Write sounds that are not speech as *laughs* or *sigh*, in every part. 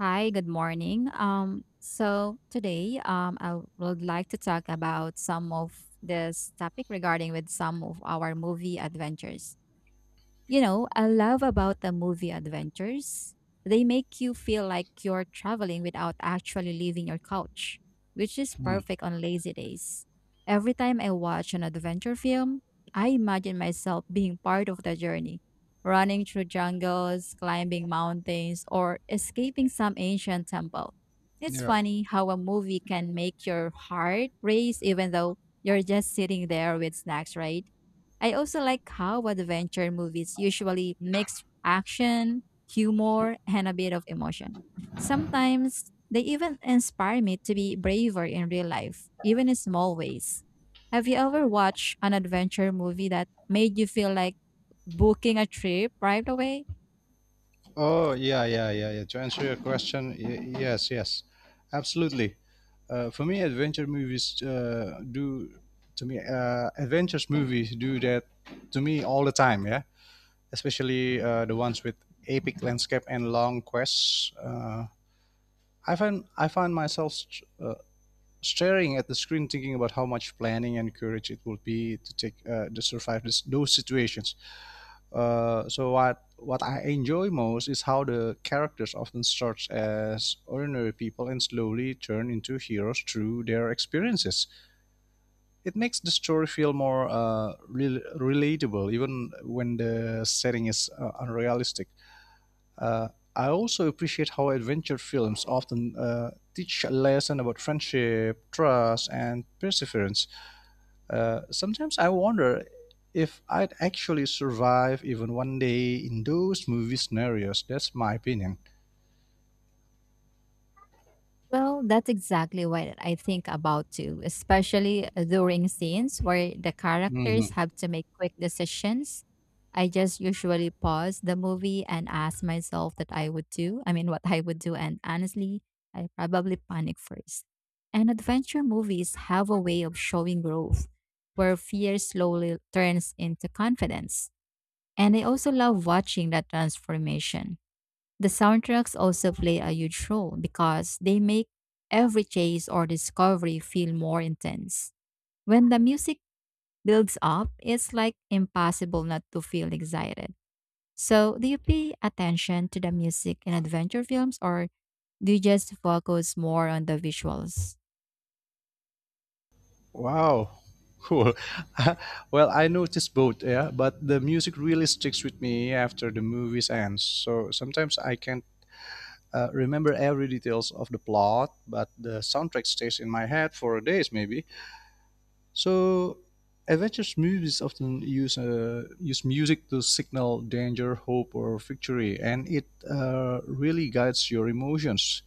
Hi, good morning. So today, I would like to talk about some of this topic regarding with some of our movie adventures. I love about the movie adventures. They make you feel like you're traveling without actually leaving your couch, which is Hmm. perfect on lazy days. Every time I watch an adventure film, I imagine myself being part of the journey, running through jungles, climbing mountains, or escaping some ancient temple. It's Yeah. funny how a movie can make your heart race even though you're just sitting there with snacks, right? I also like how adventure movies usually mix action, humor, and a bit of emotion. Sometimes they even inspire me to be braver in real life, even in small ways. Have you ever watched an adventure movie that made you feel like booking a trip right away? Oh, yeah, yeah, yeah, yeah. To answer your question, yes, yes, absolutely. For me, adventure movies do to me— adventures movies do that to me all the time. Yeah, especially the ones with epic landscape and long quests. I find myself staring at the screen, thinking about how much planning and courage it will be to take, to survive this, those situations. So what I enjoy most is how the characters often start as ordinary people and slowly turn into heroes through their experiences. It makes the story feel more relatable, even when the setting is, unrealistic. Uh, I also appreciate how adventure films often teach a lesson about friendship, trust, and perseverance. Sometimes I wonder if I'd actually survive even one day in those movie scenarios. That's my opinion. Well, that's exactly what I think about too, especially during scenes where the characters Mhm. have to make quick decisions. I just usually pause the movie and ask myself that I would do. I mean, what I would do. And honestly, I probably panic first. And adventure movies have a way of showing growth where fear slowly turns into confidence. And I also love watching that transformation. The soundtracks also play a huge role because they make every chase or discovery feel more intense. When the music builds up, it's like impossible not to feel excited. So, do you pay attention to the music in adventure films or do you just focus more on the visuals? Wow. Cool. *laughs* Well, I noticed both, yeah, but the music really sticks with me after the movies ends. So sometimes I can't remember every details of the plot, but the soundtrack stays in my head for days maybe. So adventure movies often use music to signal danger, hope, or victory, and it really guides your emotions.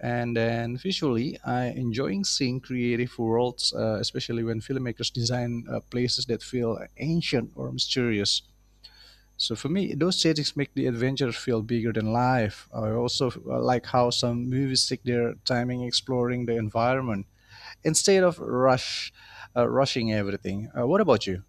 And then visually, I enjoying seeing creative worlds, especially when filmmakers design places that feel ancient or mysterious. So for me, those settings make the adventure feel bigger than life. I also like how some movies take their timing exploring the environment instead of rushing everything. What about you?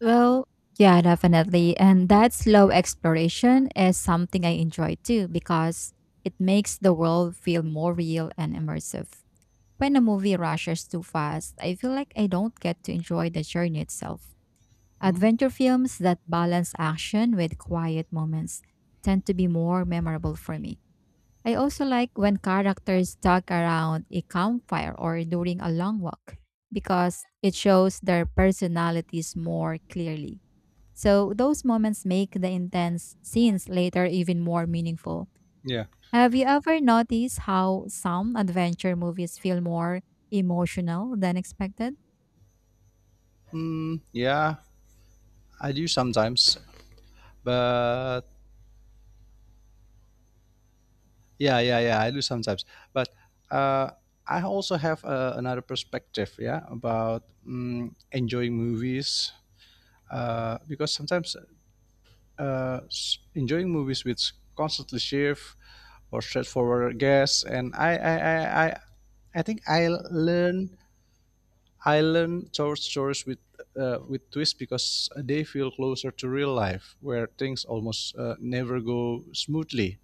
Well, yeah, definitely. And that slow exploration is something I enjoy too because it makes the world feel more real and immersive. When a movie rushes too fast, I feel like I don't get to enjoy the journey itself. Hmm? Adventure films that balance action with quiet moments tend to be more memorable for me. I also like when characters talk around a campfire or during a long walk because it shows their personalities more clearly. So, those moments make the intense scenes later even more meaningful. Yeah. Have you ever noticed how some adventure movies feel more emotional than expected? Mm, yeah, I do sometimes, but yeah, yeah, yeah, I do sometimes. But uh, I also have another perspective, yeah, about enjoying movies. Because sometimes enjoying movies with constantly shift or straightforward guess, and I think I learn short stories with, with twists because they feel closer to real life, where things almost never go smoothly.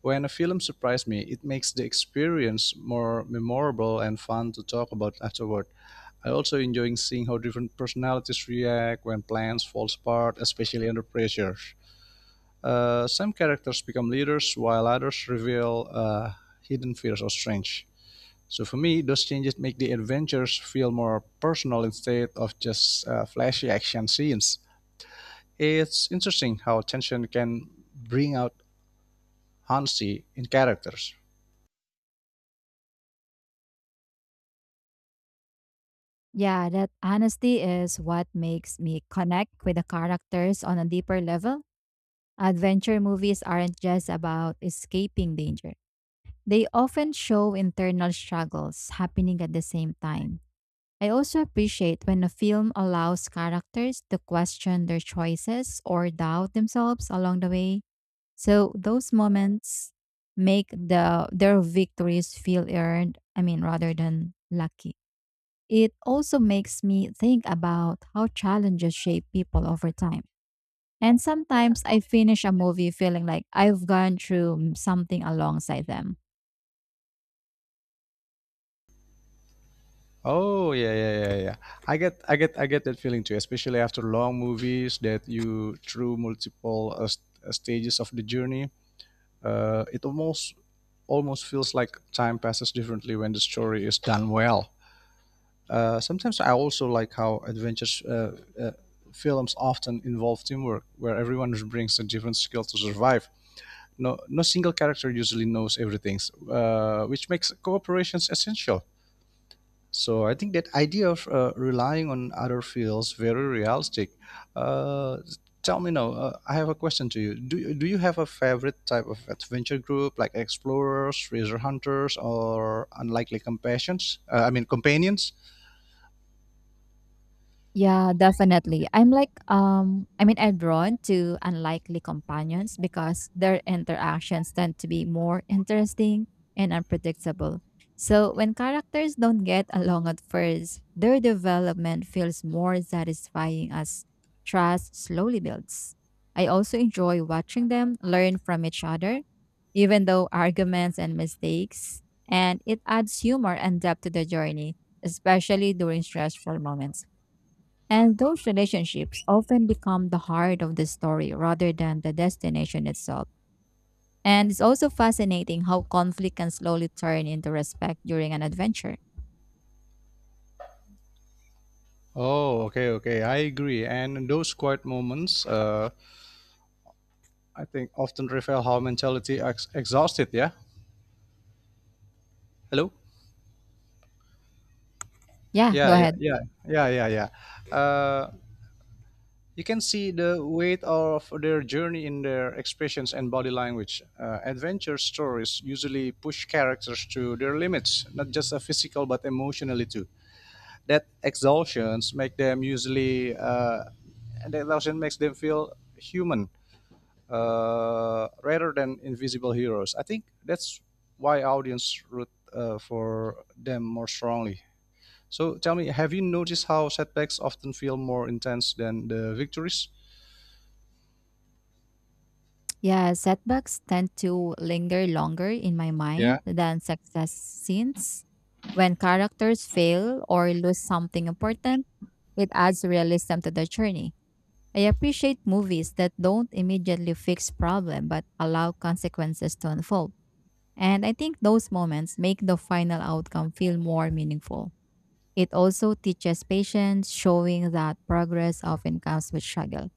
When a film surprised me, it makes the experience more memorable and fun to talk about afterward. I also enjoy seeing how different personalities react when plans fall apart, especially under pressure. Some characters become leaders, while others reveal hidden fears or strength. So for me, those changes make the adventures feel more personal instead of just flashy action scenes. It's interesting how tension can bring out honesty in characters. Yeah, that honesty is what makes me connect with the characters on a deeper level. Adventure movies aren't just about escaping danger, they often show internal struggles happening at the same time. I also appreciate when a film allows characters to question their choices or doubt themselves along the way. So those moments make their victories feel earned, I mean rather than lucky. It also makes me think about how challenges shape people over time. And sometimes I finish a movie feeling like I've gone through something alongside them. Oh yeah, yeah, yeah, yeah. I get that feeling too, especially after long movies that you through multiple stages of the journey. Uh, it almost, Almost feels like time passes differently when the story is done well. Sometimes I also like how adventures films often involve teamwork, where everyone brings a different skill to survive. No, no single character usually knows everything, which makes cooperations essential. So I think that idea of relying on other feels very realistic. Uh, tell me now, I have a question to you. Do you have a favorite type of adventure group, like explorers, treasure hunters, or unlikely companions? I mean, companions? Yeah, definitely. I'm like I mean I'm drawn to unlikely companions because their interactions tend to be more interesting and unpredictable. So when characters don't get along at first, their development feels more satisfying as trust slowly builds. I also enjoy watching them learn from each other, even though arguments and mistakes, and it adds humor and depth to the journey, especially during stressful moments. And those relationships often become the heart of the story rather than the destination itself. And it's also fascinating how conflict can slowly turn into respect during an adventure. Oh, okay, okay. I agree. And those quiet moments, I think, often reveal how exhausted. Yeah. Hello. Yeah, go Yeah, yeah, ahead. yeah, yeah, yeah, yeah. You can see the weight of their journey in their expressions and body language. Adventure stories usually push characters to their limits, not just physical but emotionally too. That exhaustions make them usually uh, that exhaustion makes them feel human, rather than invisible heroes. I think that's why audience root, for them more strongly. So tell me, have you noticed how setbacks often feel more intense than the victories? Yeah, setbacks tend to linger longer in my mind Yeah. than success scenes. When characters fail or lose something important, it adds realism to the journey. I appreciate movies that don't immediately fix problem but allow consequences to unfold. And I think those moments make the final outcome feel more meaningful. It also teaches patience, showing that progress often comes with struggle.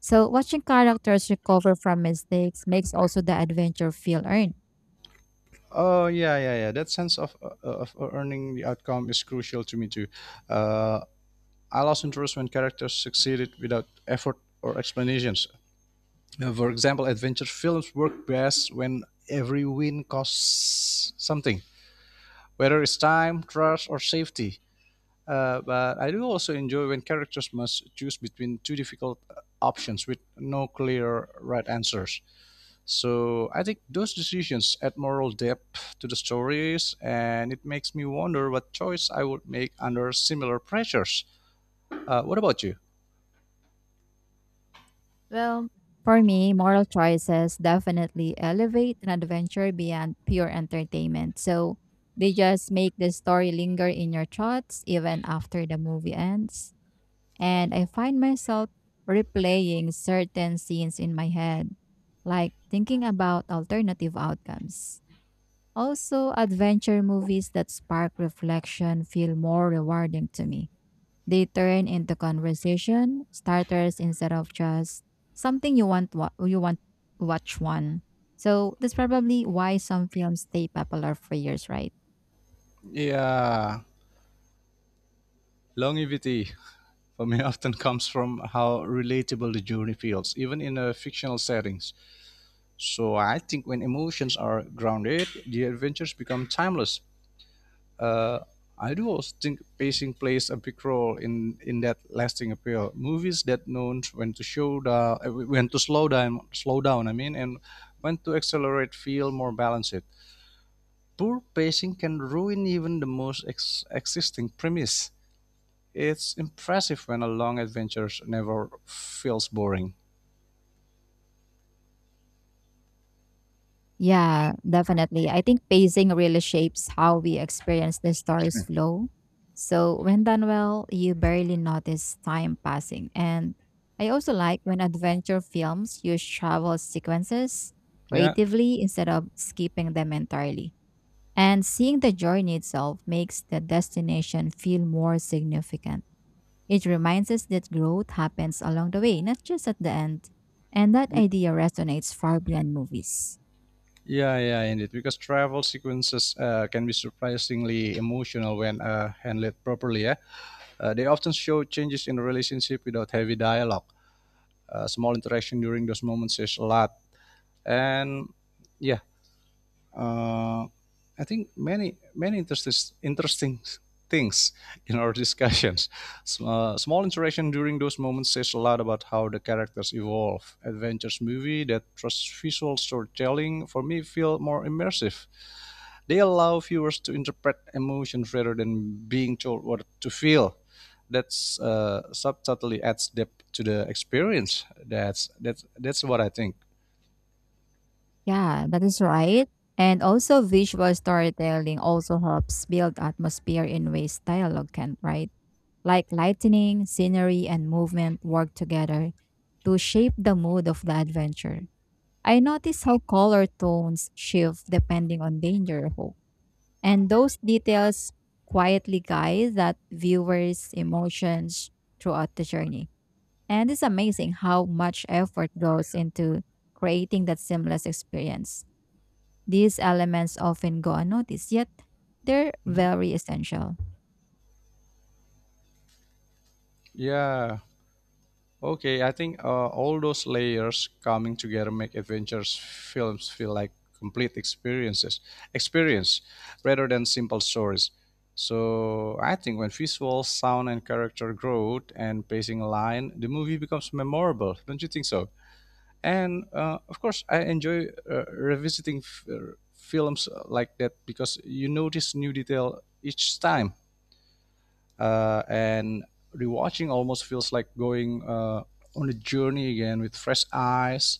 So, watching characters recover from mistakes makes also the adventure feel earned. Oh yeah, yeah, yeah. That sense of earning the outcome is crucial to me too. Uh, I lost interest when characters succeeded without effort or explanations. For example, adventure films work best when every win costs something, whether it's time, trust, or safety. But I do also enjoy when characters must choose between two difficult options with no clear right answers. So I think those decisions add moral depth to the stories, and it makes me wonder what choice I would make under similar pressures. What about you? Well, for me, moral choices definitely elevate an adventure beyond pure entertainment. So they just make the story linger in your thoughts even after the movie ends. And I find myself replaying certain scenes in my head, like thinking about alternative outcomes. Also, adventure movies that spark reflection feel more rewarding to me. They turn into conversation starters instead of just something you want to watch one. So that's probably why some films stay popular for years, right? Yeah, longevity for me *laughs* often comes from how relatable the journey feels, even in a fictional settings. So I think when emotions are grounded, the adventures become timeless. Uh, I do also think pacing plays a big role in that lasting appeal. Movies that know when to show the when to slow down, I mean, and when to accelerate, feel more balanced. Poor pacing can ruin even the most existing premise. It's impressive when a long adventure never feels boring. Yeah, definitely. I think pacing really shapes how we experience the story's flow. So when done well, you barely notice time passing. And I also like when adventure films use travel sequences Yeah, creatively instead of skipping them entirely. And seeing the journey itself makes the destination feel more significant. It reminds us that growth happens along the way, not just at the end. And that idea resonates far beyond movies. yeah, yeah, indeed. Because travel sequences can be surprisingly emotional when handled properly. Yeah, they often show changes in a relationship without heavy dialogue. Small interaction during those moments says a lot. And yeah, uh, I think many interesting things in our discussions. Small interaction during those moments says a lot about how the characters evolve. Adventures movie that trust visual storytelling for me feel more immersive. They allow viewers to interpret emotions rather than being told what to feel. That's subtly adds depth to the experience. That's what I think. Yeah, that is right. And also, visual storytelling also helps build atmosphere in ways dialogue can, right? Like lightning, scenery, and movement work together to shape the mood of the adventure. I notice how color tones shift depending on danger or hope. And those details quietly guide that viewer's emotions throughout the journey. And it's amazing how much effort goes into creating that seamless experience. These elements often go unnoticed, yet they're Mhm. very essential. Yeah. Okay, I think all those layers coming together make adventures films feel like complete experiences, experience rather than simple stories. So I think when visual, sound, and character growth and pacing align, the movie becomes memorable. Don't you think so? And of course, I enjoy revisiting films like that because you notice new detail each time, and rewatching almost feels like going, on a journey again with fresh eyes,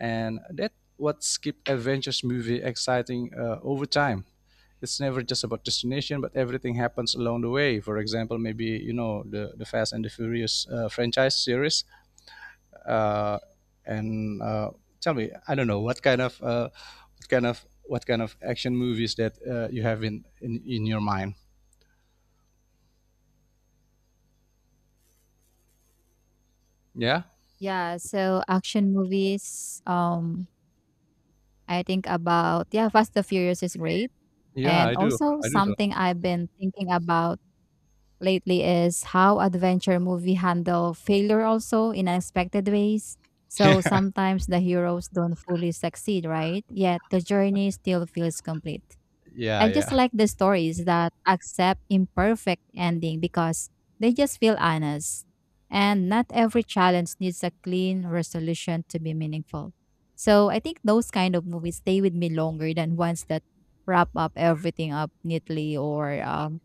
and that's what keeps adventures movie exciting over time. It's never just about destination, but everything happens along the way. For example, maybe you know the Fast and the Furious franchise series, uh, and tell me, I don't know what kind of, what kind of action movies that you have in your mind? Yeah, Yeah, so action movies, I think about, yeah, Fast and Furious is great. yeah, And also I do something I've been thinking about lately is how adventure movie handle failure also in unexpected ways. so. So *laughs* sometimes the heroes don't fully succeed, right? Yet the journey still feels complete. Yeah, I just yeah. like the stories that accept imperfect ending because they just feel honest. And not every challenge needs a clean resolution to be meaningful. So I think those kind of movies stay with me longer than ones that wrap up everything up neatly or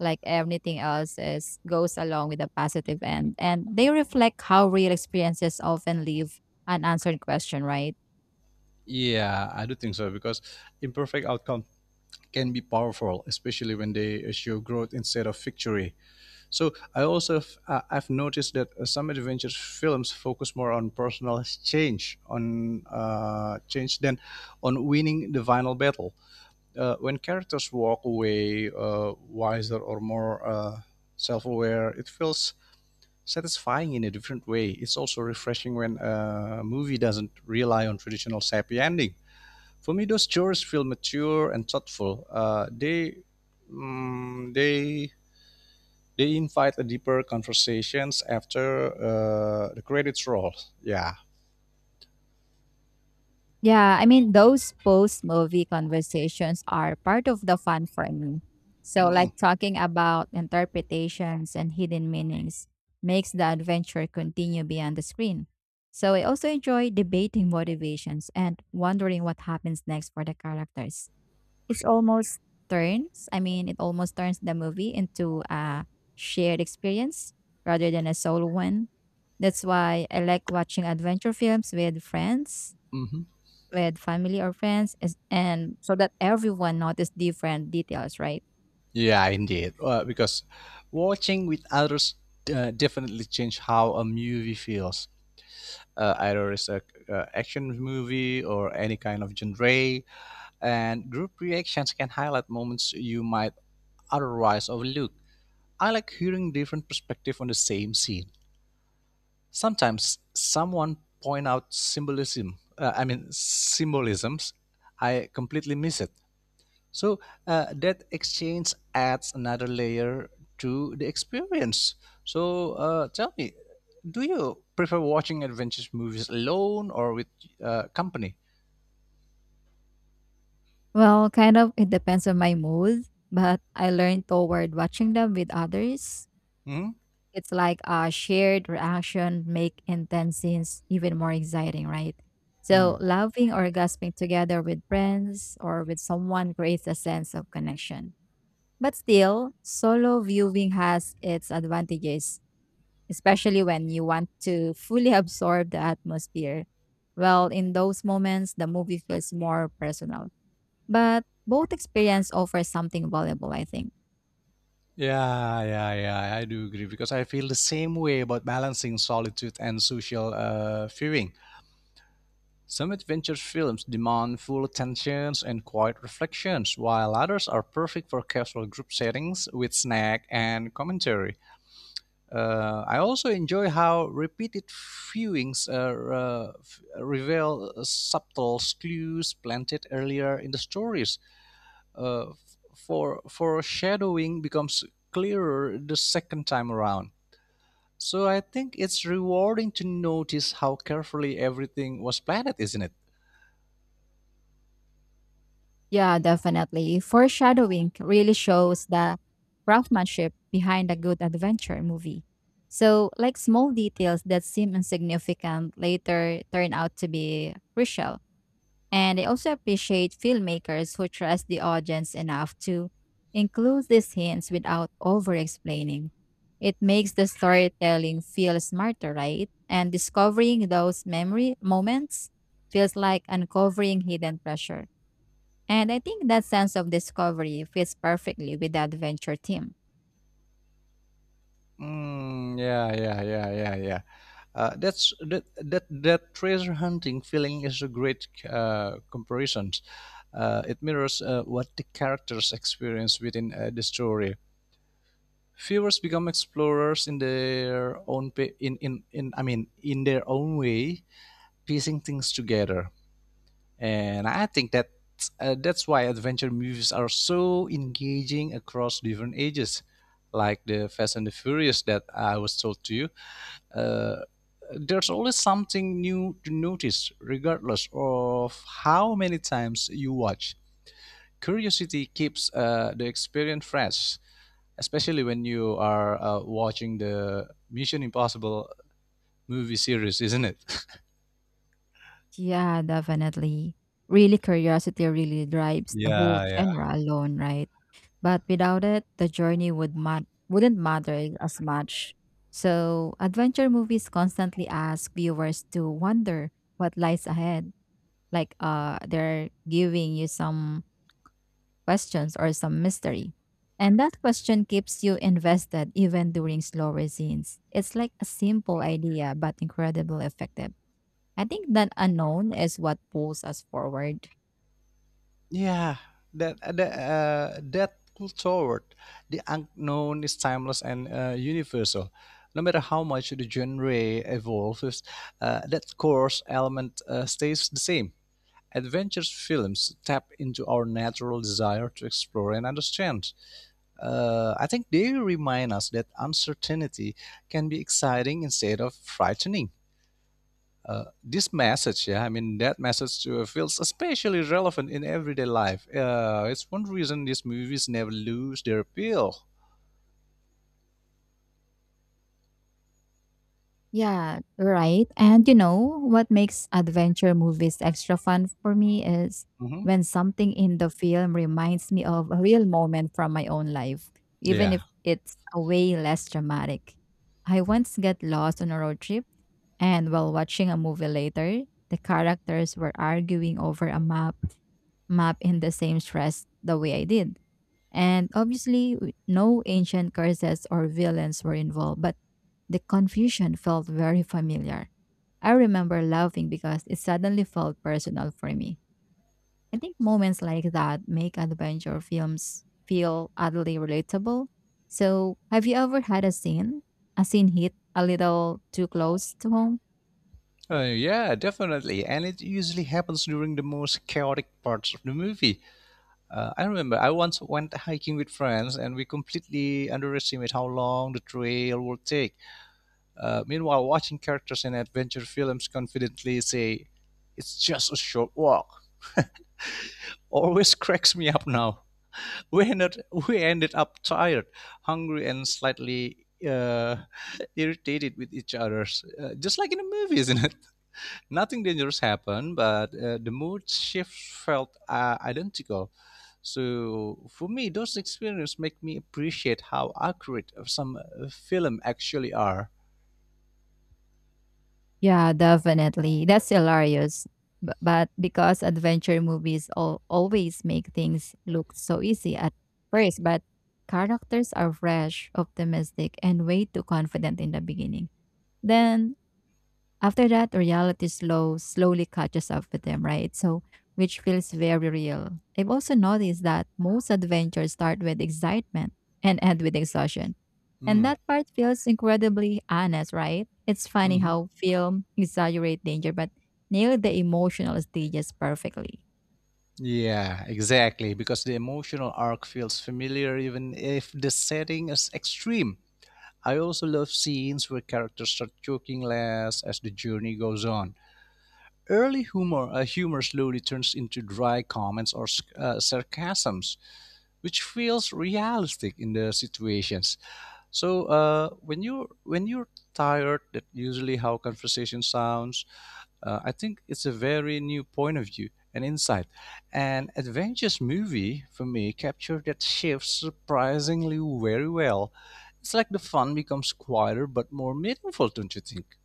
like everything else is goes along with a positive end, and they reflect how real experiences often leave unanswered question, right? Yeah, I do think so because imperfect outcome can be powerful, especially when they show growth instead of victory. So I also I've noticed that some adventure films focus more on personal change, on change than on winning the final battle. When characters walk away wiser or more self-aware, it feels satisfying in a different way. It's also refreshing when a movie doesn't rely on traditional happy ending. For me those chores feel mature and thoughtful. They mm, They invite a deeper conversations after the credits roll. Yeah. Yeah, I mean those post movie conversations are part of the fun for me. So like talking about interpretations and hidden meanings makes the adventure continue beyond the screen. So I also enjoy debating motivations and wondering what happens next for the characters. It almost I mean, it almost turns the movie into a shared experience rather than a solo one. That's why I like watching adventure films Mm-hmm. with family or friends, and so that everyone notice different details, right? Yeah, indeed, because watching with others definitely change how a movie feels, either it's a action movie or any kind of genre. And group reactions can highlight moments you might otherwise overlook. I like hearing different perspective on the same scene. Sometimes someone point out symbolism. I mean symbolisms. I completely miss it. So that exchange adds another layer to the experience. So tell me, do you prefer watching adventure movies alone or with, company? Well, kind of, it depends on my mood, but I learn toward watching them with others. Hmm? It's like a shared reaction make intense scenes even more exciting, right? Hmm. So laughing or gasping together with friends or with someone creates a sense of connection. But still, solo viewing has its advantages, especially when you want to fully *laughs* absorb the atmosphere. Well, in those moments, the movie feels more personal. But both experience offers something valuable, I think. Yeah, yeah, yeah. I do agree because I feel the same way about balancing solitude and social viewing. Some adventure films demand full attention and quiet reflections, while others are perfect for casual group settings with snack and commentary. I also enjoy how repeated viewings reveal subtle clues planted earlier in the stories. Uh, for foreshadowing becomes clearer the second time around. So I think it's rewarding to notice how carefully everything was planned, isn't it? Yeah, definitely. Foreshadowing really shows the craftsmanship behind a good adventure movie. So, like small details that seem insignificant later turn out to be crucial. And I also appreciate filmmakers who trust the audience enough to include these hints without over explaining. It makes the storytelling feel smarter, right? And discovering those memory moments feels like uncovering hidden treasure. And I think that sense of discovery fits perfectly with the adventure theme. Mm, yeah, yeah, yeah, yeah, yeah. That's that that That treasure hunting feeling is a great comparison. It mirrors what the characters experience within the story. Viewers become explorers in their own pa- in I mean in their own way, piecing things together. And I think that that's why adventure movies are so engaging across different ages, like the Fast and the Furious that I was told to you. uh, there's always something new to notice, regardless of how many times you watch. Curiosity keeps the experience fresh, especially when you are watching the Mission Impossible movie series, isn't it? *laughs* Yeah, definitely. Really, curiosity really drives the whole Yeah, yeah. genre alone, right? But without it, the journey would wouldn't matter as much. So, adventure movies constantly ask viewers to wonder what lies ahead. Like, they're giving you some questions or some mystery. And that question keeps you invested even during slower scenes. It's like a simple idea but incredibly effective. I think that unknown is what pulls us forward. Yeah, that pull toward the unknown is timeless and, universal. No matter how much the genre evolves, that core element stays the same. Adventure films tap into our natural desire to explore and understand. I think they remind us that uncertainty can be exciting instead of frightening. This message, yeah, I mean that message feels especially relevant in everyday life. It's one reason these movies never lose their appeal. Yeah, right. And what makes adventure movies extra fun for me is Hmm. when something in the film reminds me of a real moment from my own life, even Yeah. if it's a way less dramatic. I once got lost on a road trip. And while watching a movie later, the characters were arguing over a map, in the same stress the way I did. And obviously, no ancient curses or villains were involved, but the confusion felt very familiar. I remember laughing because it suddenly felt personal for me. I think moments like that make adventure films feel oddly relatable. So, have you ever had a a scene hit a little too close to home? Yeah, definitely. And it usually happens during the most chaotic parts of the movie. I remember I once went hiking with friends and we completely underestimated how long the trail would take. Meanwhile, watching characters in adventure films confidently say, it's just a short walk, always *laughs* cracks me up now. *laughs* We ended, we ended up tired, hungry, and slightly *laughs* irritated with each other, just like in the movie, isn't it? Nothing dangerous happened, but the mood shifts felt identical. So for me, those experiences make me appreciate how accurate of some film actually are. Yeah, definitely. That's hilarious. But because adventure movies always make things look so easy at first, but characters are fresh, optimistic, and way too confident in the beginning. Then after that, reality slowly catches up with them, right? So which feels very real. I've also noticed that most adventures start with excitement and end with exhaustion, and Mm. that part feels incredibly honest, right? It's funny Hmm. how film exaggerate danger but nail the emotional stages perfectly. Yeah, exactly. Because the emotional arc feels familiar even if the setting is extreme. I also love scenes where characters start joking less as the journey goes on. Humor slowly turns into dry comments or sarcasms, which feels realistic in the situations. So, when you're tired, that usually how conversation sounds. I think it's a very new point of view and insight. An adventures movie for me captured that shift surprisingly very well. It's like the fun becomes quieter but more meaningful, don't you think?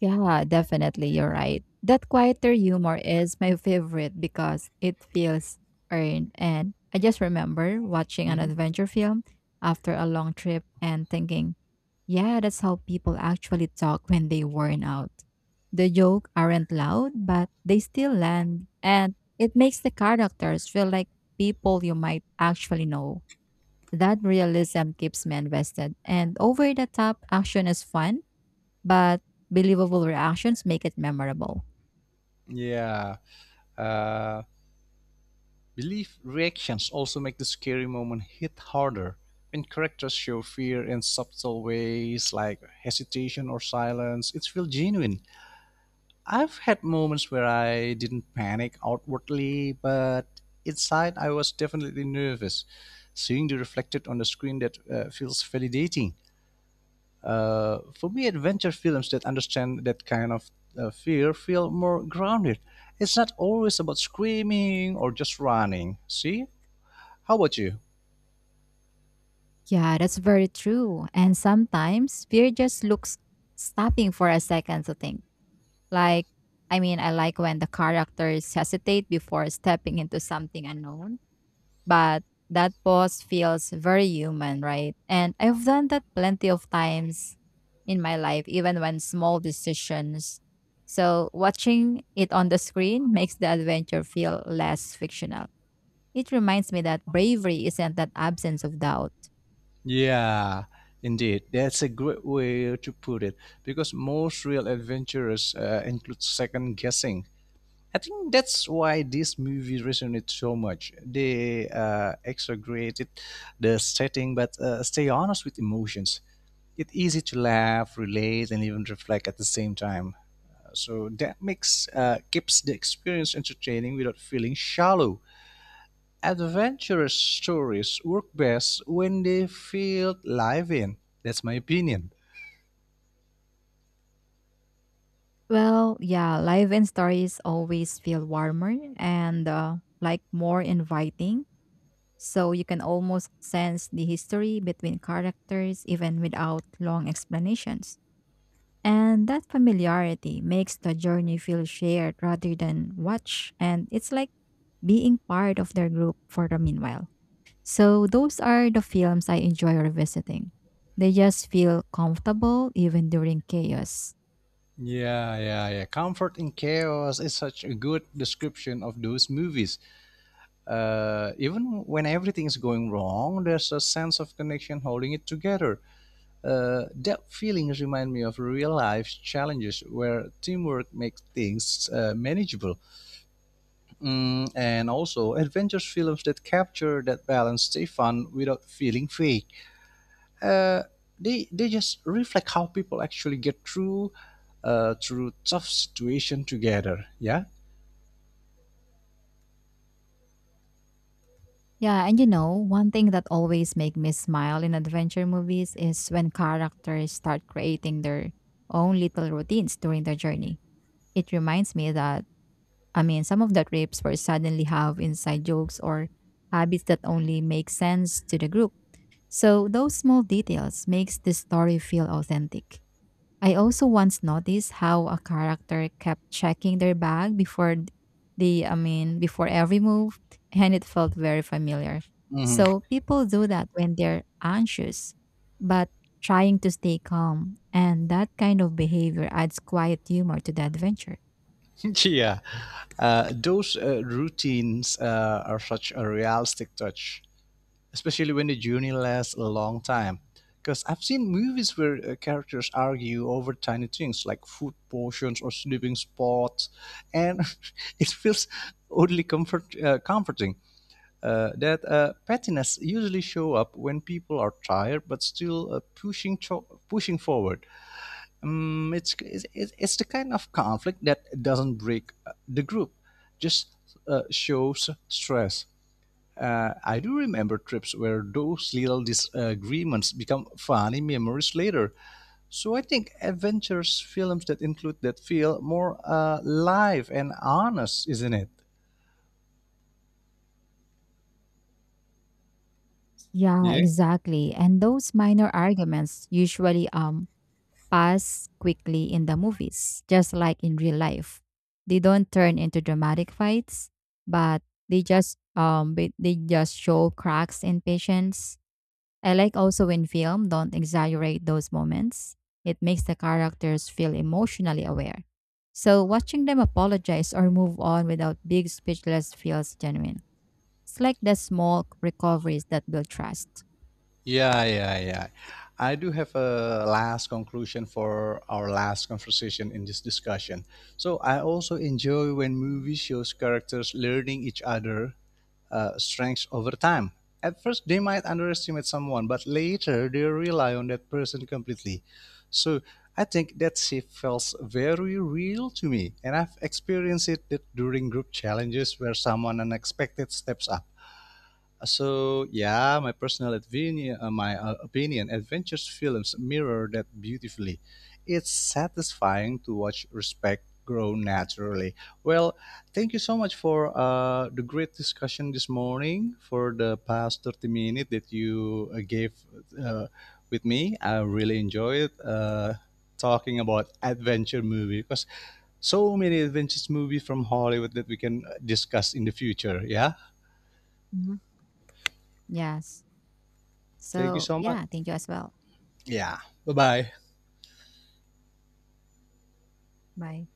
Yeah, definitely. You're right. That quieter humor is my favorite because it feels earned. And I just remember watching an Hmm. adventure film after a long trip and thinking, yeah, that's how people actually talk when they worn out. The jokes aren't loud, but they still land. And it makes the characters feel like people you might actually know. That realism keeps me invested. And over the top action is fun but believable reactions make it memorable. Yeah. Uh, Belief reactions also make the scary moment hit harder, when characters show fear in subtle ways like hesitation or silence. It feels genuine. I've had moments where I didn't panic outwardly, but inside I was definitely nervous. Seeing the reflected on the screen that feels validating. For me, adventure films that understand that kind of fear feel more grounded. It's not always about screaming or just running. See? How about you? Yeah, that's very true. And sometimes fear just looks stopping for a second to think. Like, I mean, I like when the characters hesitate before stepping into something unknown, but that pause feels very human, right? And I've done that plenty of times in my life, even when small decisions. So, watching it on the screen makes the adventure feel less fictional. It reminds me that bravery isn't that absence of doubt. Yeah, indeed. That's a great way to put it because most real adventures include second guessing. I think that's why this movie resonates so much. They exaggerated the setting but stay honest with emotions. It's easy to laugh, relate, and even reflect at the same time. So that makes keeps the experience entertaining without feeling shallow. Adventurous stories work best when they feel live in. That's my opinion. Well, yeah, live and stories always feel warmer and like more inviting. So you can almost sense the history between characters even without long explanations. And that familiarity makes the journey feel shared rather than watched. And it's like being part of their group for the meanwhile. So those are the films I enjoy revisiting. They just feel comfortable even during chaos. Yeah, yeah, yeah. Comfort in chaos is such a good description of those movies. Even when everything is going wrong, there's a sense of connection holding it together. That feeling reminds me of real life challenges where teamwork makes things manageable. Mm, and also, adventure films that capture that balance stay fun without feeling fake. uh, they just reflect how people actually get through through tough situation together. Yeah. Yeah, and one thing that always make me smile in adventure movies is when characters start creating their own little routines during their journey. It reminds me that I mean, some of the trips were suddenly have inside jokes or habits that only make sense to the group. So those small details makes the story feel authentic. I also once noticed how a character kept checking their bag before th- the I mean before every move, and it felt very familiar. Mhm. So people do that when they're anxious but trying to stay calm, and that kind of behavior adds quiet humor to the adventure. *laughs* Yeah. Those routines are such a realistic touch, especially when the journey lasts a long time. Because I've seen movies where characters argue over tiny things like food portions or sleeping spots, and *laughs* it feels oddly comforting that pettiness usually show up when people are tired but still pushing forward. It's the kind of conflict that doesn't break the group, just shows stress. I do remember trips where those little disagreements become funny memories later. So I think adventures films that include that feel more live and honest, isn't it? Yeah, Yeah. exactly. And those minor arguments usually pass quickly in the movies, just like in real life. They don't turn into dramatic fights, but they just they just show cracks in patience. I like also when film don't exaggerate those moments. It makes the characters feel emotionally aware. So watching them apologize or move on without big speechless feels genuine. It's like the small recoveries that build trust. Yeah, yeah, yeah. I do have a last conclusion for our last conversation in this discussion. So I also enjoy when Mhm. movies shows characters learning each other strengths over time. At first, they might underestimate someone, but later they rely on that person completely. So I think that shift feels very real to me, and I've experienced it that during group challenges where someone unexpected steps up. So yeah, my personal opinion, my opinion, adventures films mirror that beautifully. It's satisfying to watch respect grow naturally. Well, thank you so much for the great discussion this morning. For the past 30 minutes that you gave uh, with me, I really enjoyed talking about adventure movie because so many adventures movie from Hollywood that we can discuss in the future. Yeah, Mhm. Yes. thank you So so much. yeah, thank you as well. Yeah. Bye bye. Bye.